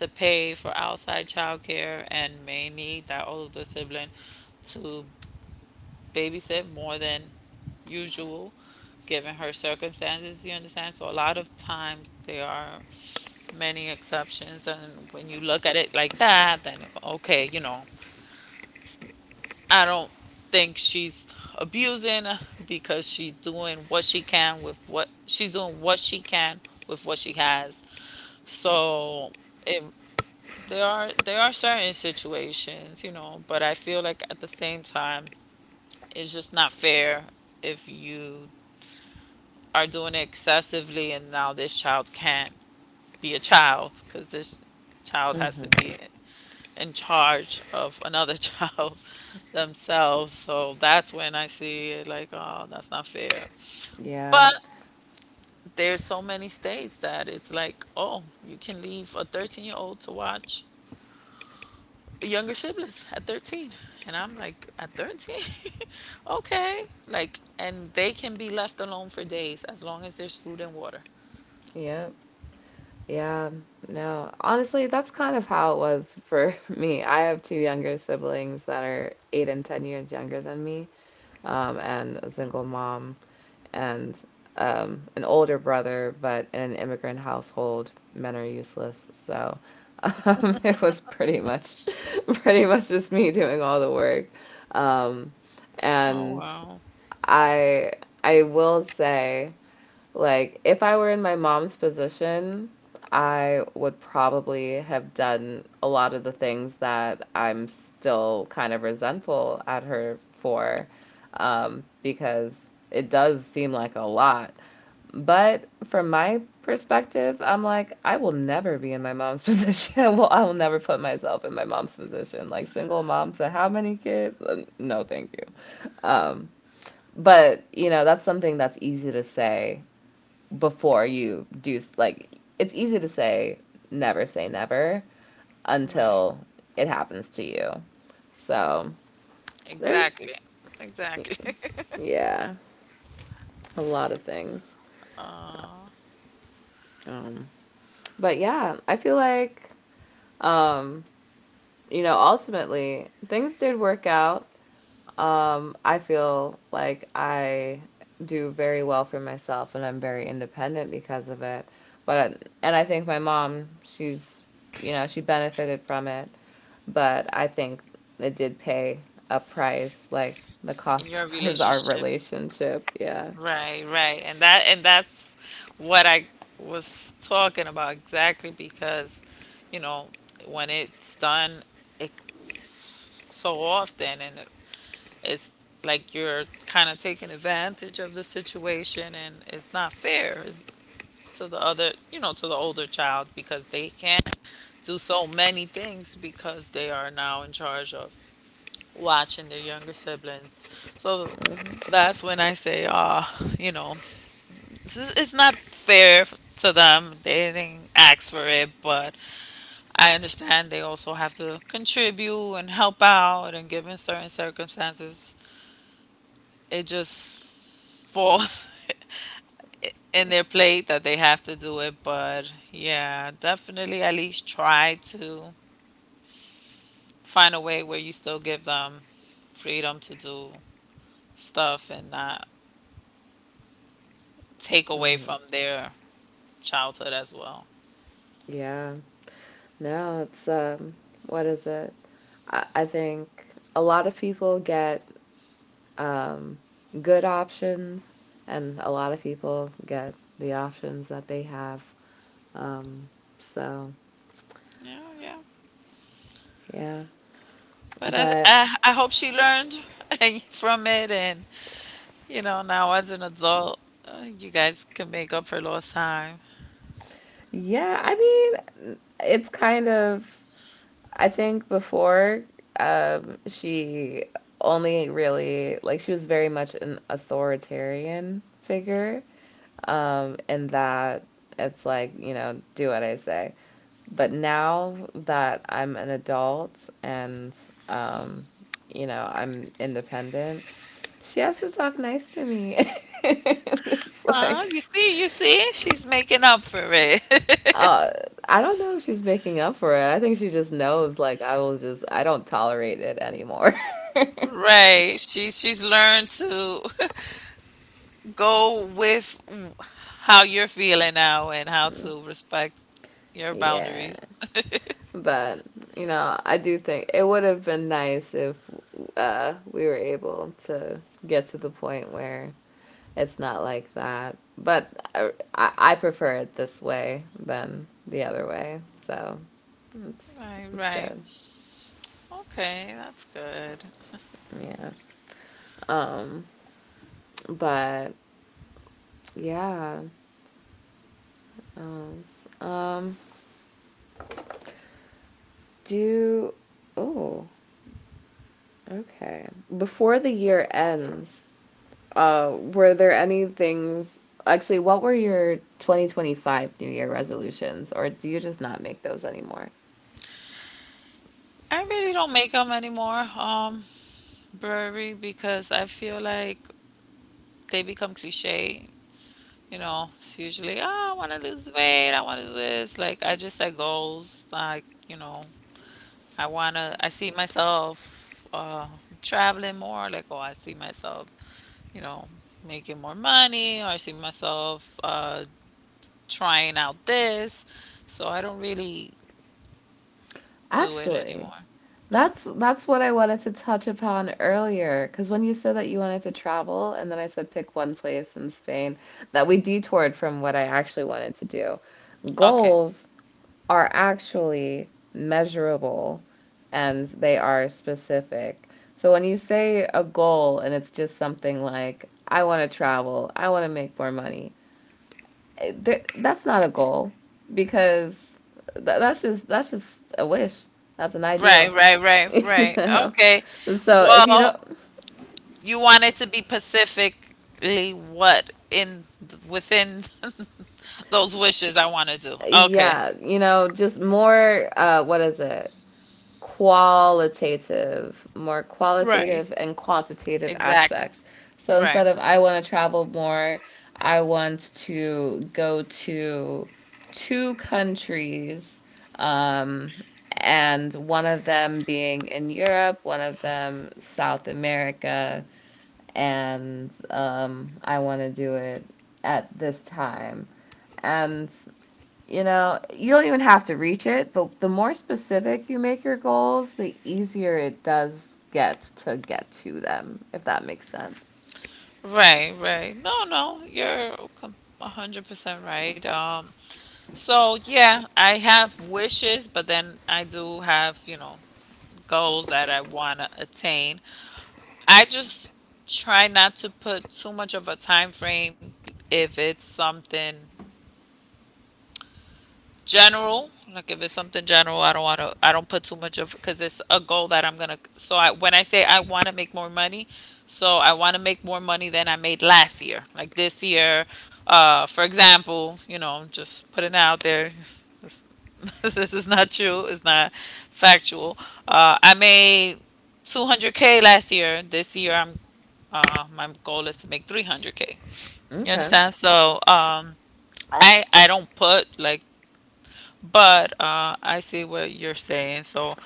B: to pay for outside childcare, and may need that older sibling to babysit more than usual, given her circumstances. You understand? So a lot of times there are many exceptions, and when you look at it like that, then okay, you know, I don't think she's abusing, because she's doing what she can with what she has. So it, there are certain situations, you know, but I feel like at the same time, it's just not fair if you are doing it excessively and now this child can't be a child because this child has to
A: hmm
B: be in charge of another child themselves. So that's when I see it like, oh, that's not fair.
A: Yeah.
B: But there's so many states that it's like, oh, you can leave a 13-year-old to watch younger siblings at 13. And I'm like, at 13? Okay. Like, and they can be left alone for days as long as there's food and water.
A: Yep. Yeah, no. Honestly, that's kind of how it was for me. I have two younger siblings that are 8 and 10 years younger than me, and a single mom and, an older brother, but in an immigrant household, men are useless. So, it was pretty much just me doing all the work. Um,
B: Oh,
A: and
B: wow.
A: I, I will say, like, if I were in my mom's position, I would probably have done a lot of the things that I'm still kind of resentful at her for, because it does seem like a lot. But from my perspective, I'm like, I will never be in my mom's position. Well, I will never put myself in my mom's position. Like, single mom to how many kids? No, thank you. Um, but, you know, that's something that's easy to say before you do, like it's easy to say never
B: Right.
A: until it happens to you. So there,
B: Exactly. Exactly.
A: yeah, a lot of things. Um, but yeah, I feel like, um, you know, ultimately things did work out. I feel like I do very well for myself and I'm very independent because of it. But and I think my mom, she's, you know, she benefited from it, but I think it did pay a price. Like, the
B: In
A: cost
B: your
A: was our
B: relationship.
A: relationship. Yeah.
B: Right, right. And that and that's what I was talking about exactly, because, you know, when it's done it, so often, and it, it's like you're kind of taking advantage of the situation, and it's not fair to the other, you know, to the older child, because they can't do so many things because they are now in charge of watching their younger siblings. So
A: hmm
B: that's when I say, ah, you know, this is, it's not fair to them. They didn't ask for it, but I understand they also have to contribute and help out, and given certain circumstances, it just falls in their plate that they have to do it. But yeah, definitely at least try to find a way where you still give them freedom to do stuff and not take away from their childhood as well.
A: Yeah. No, it's what is it? I think a lot of people get, um, good options, and a lot of people get the options that they have. Um, so,
B: Yeah, yeah.
A: yeah.
B: But
A: But,
B: I hope she learned from it, and you know, now as an adult, you guys can make up for lost time.
A: yeah, I mean, it's kind of, I think before she only really, like, she was very much an authoritarian figure. And that it's like, you know, do what I say. But now that I'm an adult and, um, you know, I'm independent, she has to talk nice to me. And it's
B: Ah,
A: like,
B: you see, she's making up for it.
A: uh, I don't know if she's making up for it. I think she just knows, like, I will just, I don't tolerate it anymore.
B: Right. She's learned to go with how you're feeling now and how to respect your
A: Yeah.
B: boundaries.
A: But, you know, I do think it would have been nice if we were able to get to the point where it's not like that. But I prefer it this way than the other way. So it's
B: Right,
A: it's
B: right.
A: good.
B: Okay, that's good.
A: Yeah. Um, but yeah. Um, do, oh, okay. Before the year ends, were there any things, actually, what were your 2025 New Year resolutions, or do you just not make those anymore?
B: I really don't make them anymore, Burberry, because I feel like they become cliche. You know, it's usually, oh, I want to lose weight. I want to do this. Like, I just set goals. Like, you know, I see myself traveling more. Like, oh, I see myself, you know, making more money. Or I see myself trying out this. So I don't really do it
A: Actually,
B: anymore.
A: that's what I wanted to touch upon earlier, because when you said that you wanted to travel, and then I said pick one place in Spain, that we detoured from what I actually wanted to do.
B: Okay.
A: Goals are actually measurable and they are specific. So when you say a goal and it's just something like, I want to travel, I want to make more money, eh, that's not a goal because that's just a wish. That's an
B: Right,
A: ideal,
B: right, right,
A: you
B: right.
A: know.
B: Okay.
A: So if you
B: Well,
A: don't,
B: you want it to be specifically what in within those wishes I want to do. Okay.
A: yeah, you know, just more, what is it? Qualitative, more
B: Right.
A: qualitative and quantitative
B: Exact.
A: aspects. So instead
B: Right.
A: of I want to travel more, I want to go to two countries, um, and one of them being in Europe, one of them South America, and I want to do it at this time. And you know, you don't even have to reach it, but the more specific you make your goals, the easier it does get to them, if that makes sense.
B: Right, right. No, no, you're com- 100% right. So yeah, I have wishes, but then I do have, you know, goals that I want to attain. I just try not to put too much of a time frame if it's something general. Like if it's something general, I don't want to, I don't put too much of, because it's a goal that I'm gonna, so I when I say I want to make more money, so I want to make more money than I made last year, like this year, for example. You know, I'm just putting it out there. It's- this is not true, it's not factual. I made 200K last year. This year I'm, uh my goal is to make 300K. You
A: Okay.
B: understand? So I don't put like, but I see what you're saying. So,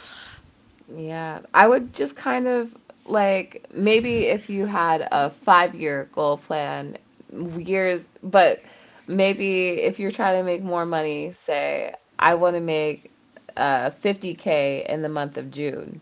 A: Yeah. I would just kind of like maybe if you had a five-year goal plan, years, but maybe if you're trying to make more money, say, I want to make 50K in the month of June,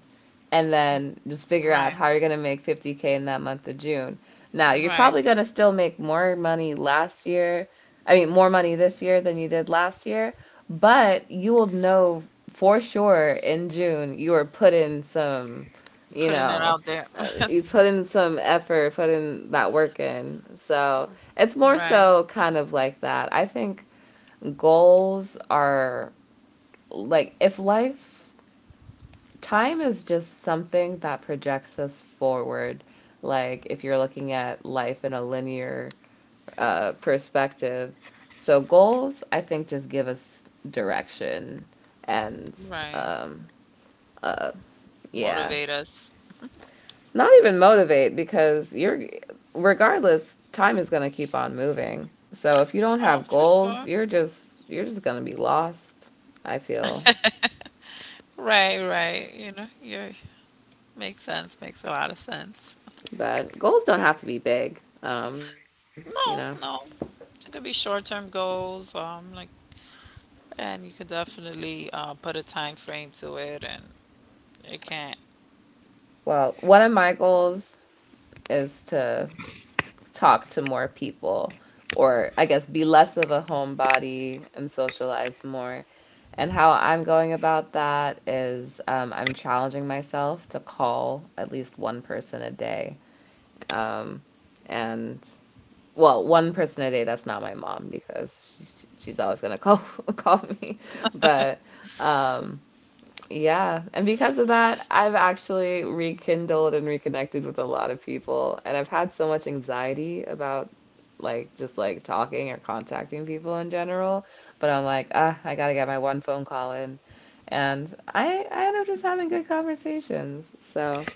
A: and then just figure out
B: right,
A: how you're going to make 50K in that month of June. Now, you're
B: right.
A: probably going to still make more money last year. I mean, more money this year than you did last year, but you will know for sure in June you were put in some, you
B: Putting it
A: know,
B: out there.
A: you put in some effort, put in that work in. So it's more
B: Right,
A: so kind of like that. I think goals are like if life time is just something that projects us forward. Like if you're looking at life in a linear perspective. So goals, I think, just give us direction and
B: right.
A: um, uh, yeah,
B: Motivate us.
A: not even motivate because you're regardless, time is going to keep on moving. So if you don't
B: Oh,
A: have
B: for
A: goals,
B: sure.
A: you're just going to be lost, I feel.
B: Right, right. You know, you makes sense. Makes a lot of sense.
A: But goals don't have to be big. You know.
B: No, no. It could be short-term goals. And you could definitely put a time frame to it, and it can't.
A: Well, one of my goals is to talk to more people, or I guess be less of a homebody and socialize more. And how I'm going about that is I'm challenging myself to call at least one person a day. Um, and well, one person a day, that's not my mom because she's always going to call call me. But um, yeah, and because of that, I've actually rekindled and reconnected with a lot of people, and I've had so much anxiety about like just talking or contacting people in general, but I'm like, ah, I gotta get my one phone call in, and I end up just having good conversations. So,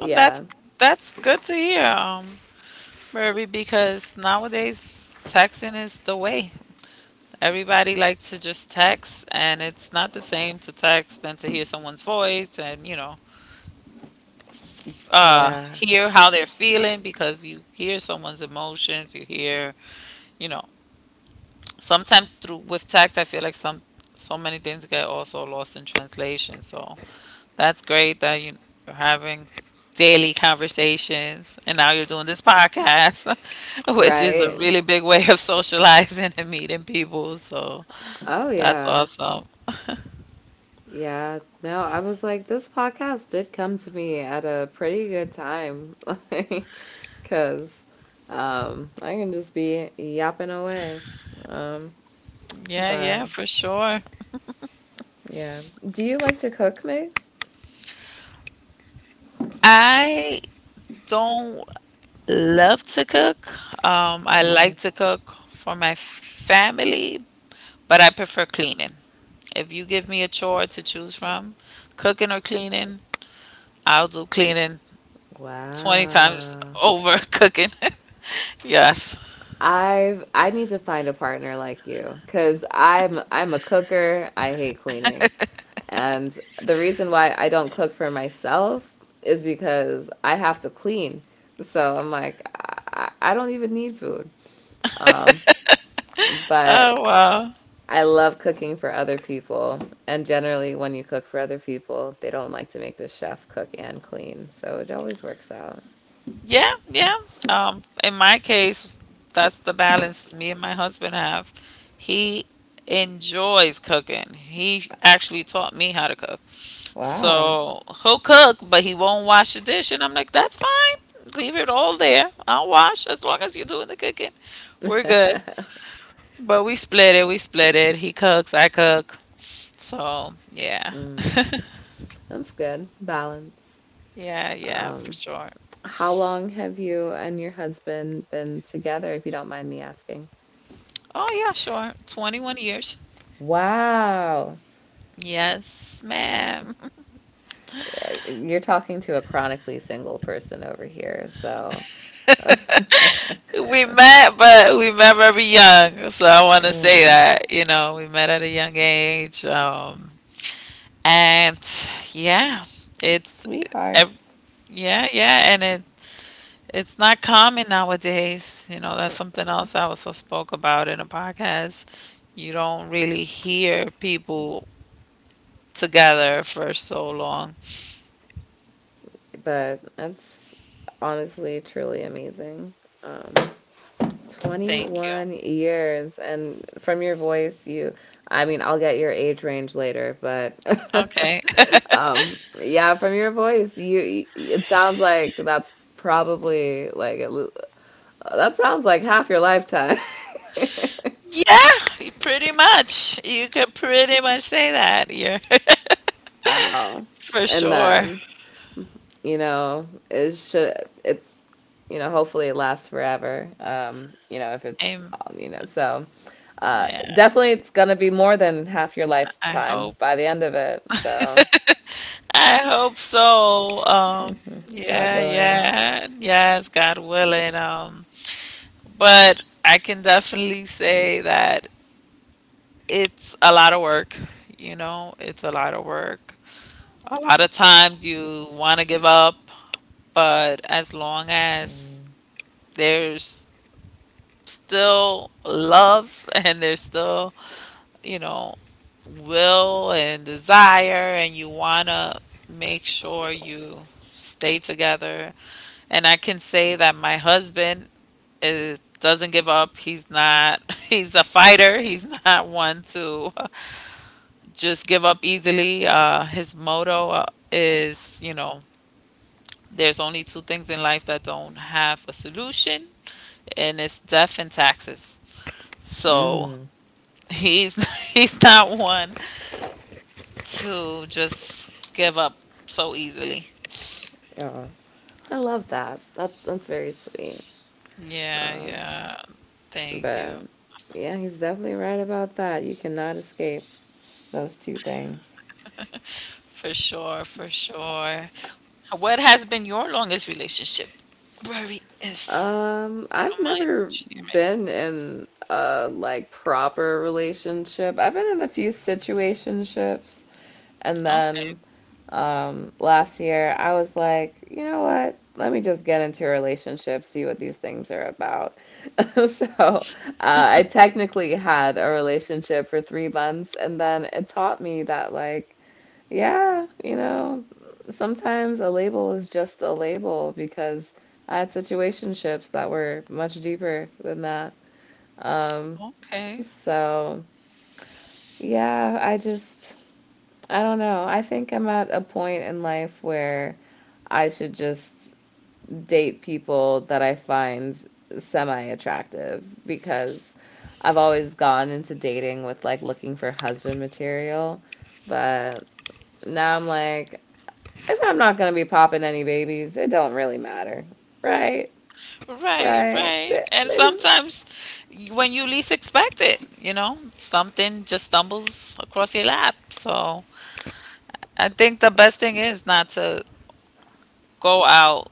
B: Um, that's that's good to hear, Murray, because nowadays texting is the way. Everybody likes to just text, and it's not the same to text than to hear someone's voice and, you know,
A: Yeah.
B: hear how they're feeling because you hear someone's emotions, you hear, you know, sometimes through with text, I feel like some so many things get also lost in translation. So that's great that you're having daily conversations and now you're doing this podcast, which is a
A: Right.
B: really big way of socializing and meeting people. So
A: Oh
B: that's
A: yeah.
B: awesome.
A: Yeah, no, I was like, this podcast did come to me at a pretty good time, like, because I can just be yapping away. Um,
B: Yeah,
A: but
B: yeah, for sure.
A: yeah, do you like to cook, Migs?
B: I don't love to cook. I like
A: Mm.
B: to cook for my family, but I prefer cleaning. If you give me a chore to choose from, cooking or cleaning, I'll do cleaning 20 times
A: Wow.
B: over cooking. Yes.
A: I need to find a partner like you, 'cause I'm a cooker. I hate cleaning. And the reason why I don't cook for myself is because I have to clean. So I don't even need food. Um, but
B: Oh, wow.
A: I love cooking for other people. And generally, when you cook for other people, they don't like to make the chef cook and clean. So it always works out.
B: Yeah, yeah. In my case, that's the balance me and my husband have. He enjoys cooking. He actually taught me how to cook.
A: Wow.
B: So he'll cook, but he won't wash the dish. And I'm like, that's fine. Leave it all there. I'll wash as long as you're doing the cooking. We're good. But we split it. We split it. He cooks, I cook. So yeah.
A: Mm, that's good. Balance.
B: Yeah, yeah, for
A: Um,
B: sure.
A: how long have you and your husband been together, if you don't mind me asking?
B: Oh, yeah, sure. 21 years.
A: Wow.
B: Yes, ma'am.
A: You're talking to a chronically single person over here, so
B: We met, but we met very young. So I want to say
A: mm,
B: that, you know, we met at a young age. And yeah, it's, ev-
A: sweethearts.
B: yeah, yeah. And it, it's not common nowadays. You know, that's something else I also spoke about in a podcast. You don't really hear people together for so long.
A: But that's honestly truly amazing. Um,
B: Thank you.
A: 21 years, and from your voice, you, I mean, I'll get your age range later, but
B: Okay.
A: yeah, from your voice, you, it sounds like that's probably like at that sounds like half your lifetime.
B: Yeah, pretty much. You could pretty much say that. You're
A: Wow.
B: For
A: And
B: sure.
A: then you know it should it's you know hopefully it lasts forever you know if it's
B: Amen.
A: you know so
B: I
A: definitely it's gonna be more than half your lifetime
B: hope.
A: by the end of it so
B: I hope so.
A: mhm, God
B: Yeah,
A: willing
B: yeah, yes, God willing. But I can definitely say that it's a lot of work. You know, it's a lot of work. A lot of times you want to give up, but as long as there's still love and there's still, you know, will and desire, and you want to make sure you stay together. And I can say that my husband is doesn't give up. He's not he's a fighter. He's not one to just give up easily. His motto, is, you know, there's only two things in life that don't have a solution, and it's death and taxes. So,
A: mm,
B: he's he's not one to just give up so easily.
A: yeah I love that that's very sweet
B: Yeah,
A: um
B: yeah. Thank you.
A: but yeah he's definitely right about that you cannot escape those two things.
B: For sure, for sure. What has been your longest relationship? Very is. You
A: I've
B: don't mind
A: never
B: sharing.
A: been in a like proper relationship. I've been in a few situationships, and then last year I was like, you know what? Let me just get into a relationship, see what these things are about. So, I technically had a relationship for 3 months, and then it taught me that like yeah, you know, sometimes a label is just a label because I had situationships that were much deeper than that. Um,
B: Okay, okay.
A: so yeah, I just I don't know. I think I'm at a point in life where I should just date people that I find semi-attractive because I've always gone into dating with like looking for husband material, but now I'm like, if I'm not gonna be popping any babies, it don't really matter, right?
B: Right,
A: Right?
B: right. And sometimes y- when you least expect it, you know, something just stumbles across your lap. So I think the best thing is not to go out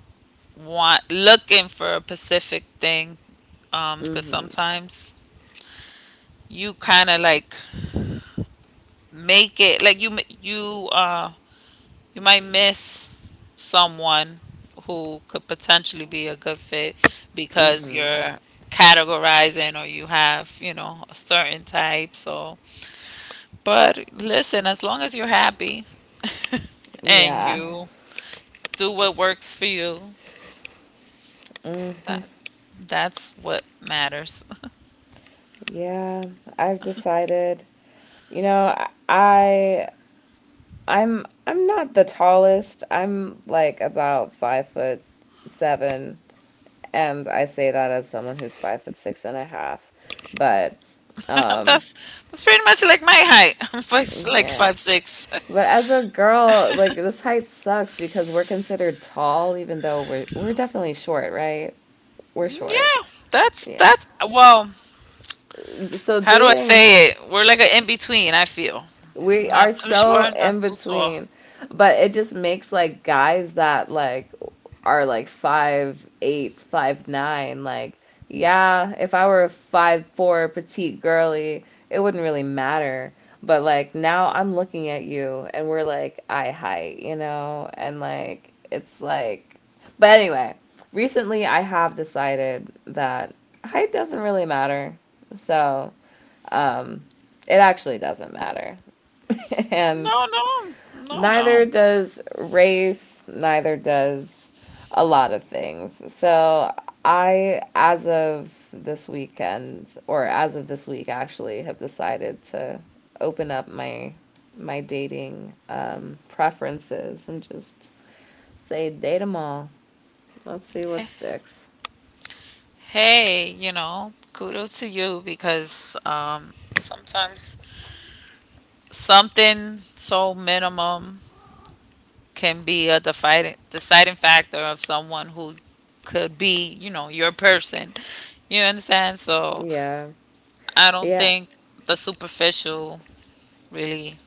B: want looking for a specific thing, because
A: Mm-hmm,
B: sometimes you kind of like make it like you m- you you might miss someone who could potentially be a good fit because
A: mm-hmm,
B: you're categorizing, or you have, you know, a certain type. So but listen, as long as you're happy and
A: yeah,
B: you do what works for you,
A: mm-hmm,
B: that that's what matters.
A: yeah. I've decided, you know, I, I'm not the tallest. I'm like about 5 foot seven, and I say that as someone who's 5 foot six and a half, but, um,
B: That's pretty much like my height. I'm five, like
A: yeah.
B: 5'6".
A: But as a girl, like this height sucks because we're considered tall, even though we're definitely short, right? We're short.
B: Yeah,
A: Yeah.
B: that's well,
A: So
B: how do I
A: dating
B: say it? We're like an in between, I feel.
A: we
B: Not
A: are
B: too
A: so
B: short, not
A: in
B: too tall.
A: between, but it just makes like guys that like are like 5'8", 5'9", like yeah, if I were a 5'4" petite girly, it wouldn't really matter. But like now I'm looking at you and we're like eye height, you know, and like it's like but anyway, recently I have decided that height doesn't really matter. So, um, it actually doesn't matter. And
B: No, no, no,
A: neither
B: no.
A: does race, neither does a lot of things. So I, as of this weekend, or as of this week actually, have decided to open up my my dating preferences and just say date them all. Let's see what
B: H-
A: sticks.
B: Hey, you know, kudos to you, because sometimes something so minimum can be a deciding factor of someone who could be, you know, your person. You understand? So
A: Yeah.
B: I don't
A: Yeah,
B: think the superficial really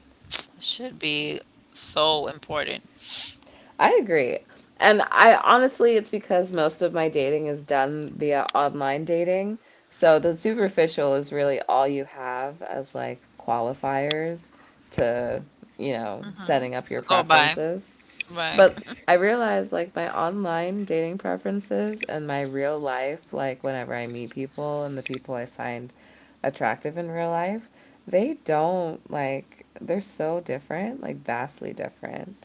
B: should be so important.
A: I agree. And I honestly, it's because most of my dating is done via online dating. So the superficial is really all you have as like qualifiers to, you know,
B: Mhm.
A: setting up your
B: To go by.
A: preferences.
B: Right.
A: But I realize like my online dating preferences and my real life, like whenever I meet people and the people I find attractive in real life, they don't like, they're so different, like vastly different.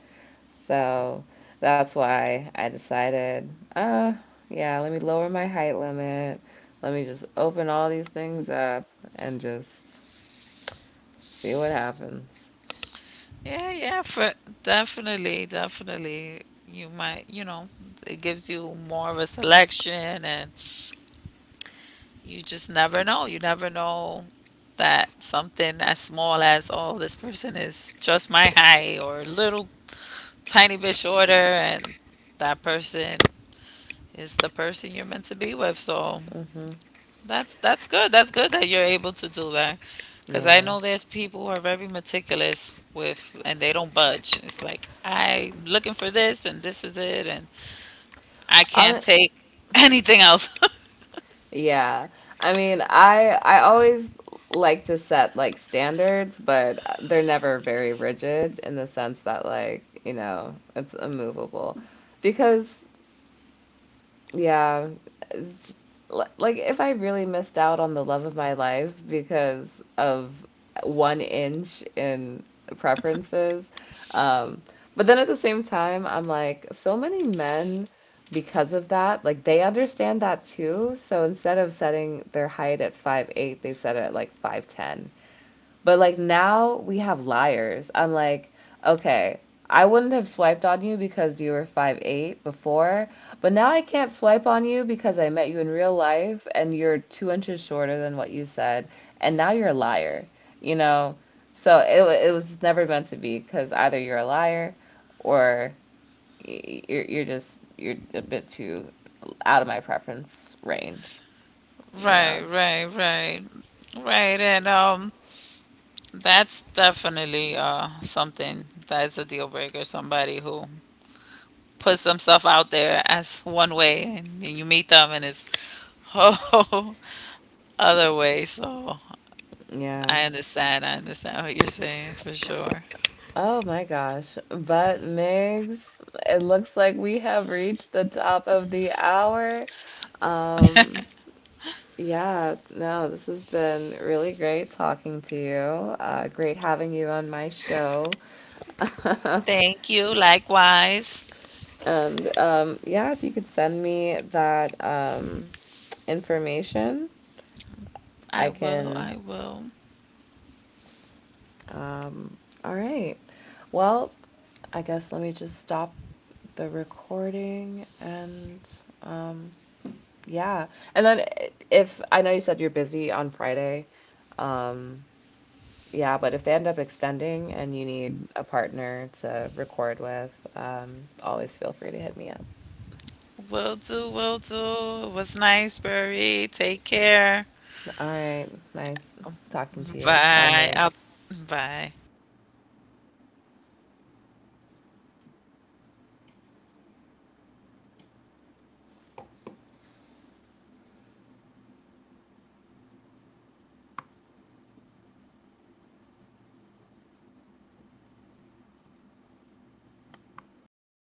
A: So that's why I decided, uh, yeah, let me lower my height limit. Let me just open all these things up and just see what happens.
B: Yeah, yeah, for definitely, definitely. You might, you know, it gives you more of a selection, and you just never know. You never know that something as small as, oh, this person is just my height or a little tiny bit shorter, and that person is the person you're meant to be with. So
A: Hmm.
B: that's good. That's good that you're able to do that. Cause I
A: Yeah.
B: know there's people who are very meticulous with, and they don't budge. It's like I'm looking for this and this is it and I can't
A: On,
B: take anything else.
A: yeah. I mean, I always like to set like standards, but they're never very rigid in the sense that like, you know, it's immovable. Because yeah, It's j- like if I really missed out on the love of my life because of one inch in preferences. Um, but then at the same time, I'm like, so many men, because of that, like they understand that too. So instead of setting their height at 5'8", they set it at like 5'10. But like now we have liars. I'm like, okay, I wouldn't have swiped on you because you were 5'8" before, but now I can't swipe on you because I met you in real life and you're 2 inches shorter than what you said, and now you're a liar, you know? So it was never meant to be because either you're a liar or you're just, you're a bit too out of my preference range, you
B: Right,
A: know?
B: right, right. Right, and that's definitely something that is a deal breaker, somebody who puts themselves out there as one way, and you meet them and it's oh other way. So
A: Yeah.
B: I understand. I understand what you're saying for sure.
A: Oh my gosh. But Migs, it looks like we have reached the top of the hour. Yeah, no, this has been really great talking to you. Great having you on my show.
B: Thank you. Likewise.
A: And yeah, if you could send me that information,
B: I
A: I
B: will.
A: can.
B: I will.
A: Um, all right. Well, I guess let me just stop the recording and. Um, yeah. And then if I know you said you're busy on Friday, um, yeah, but if they end up extending and you need a partner to record with, always feel free to hit me up.
B: Will do. Will do. It was nice, Barry. Take care.
A: All right. Nice talking to you. Bye,
B: Bye. I'll,
A: Migs.
B: bye.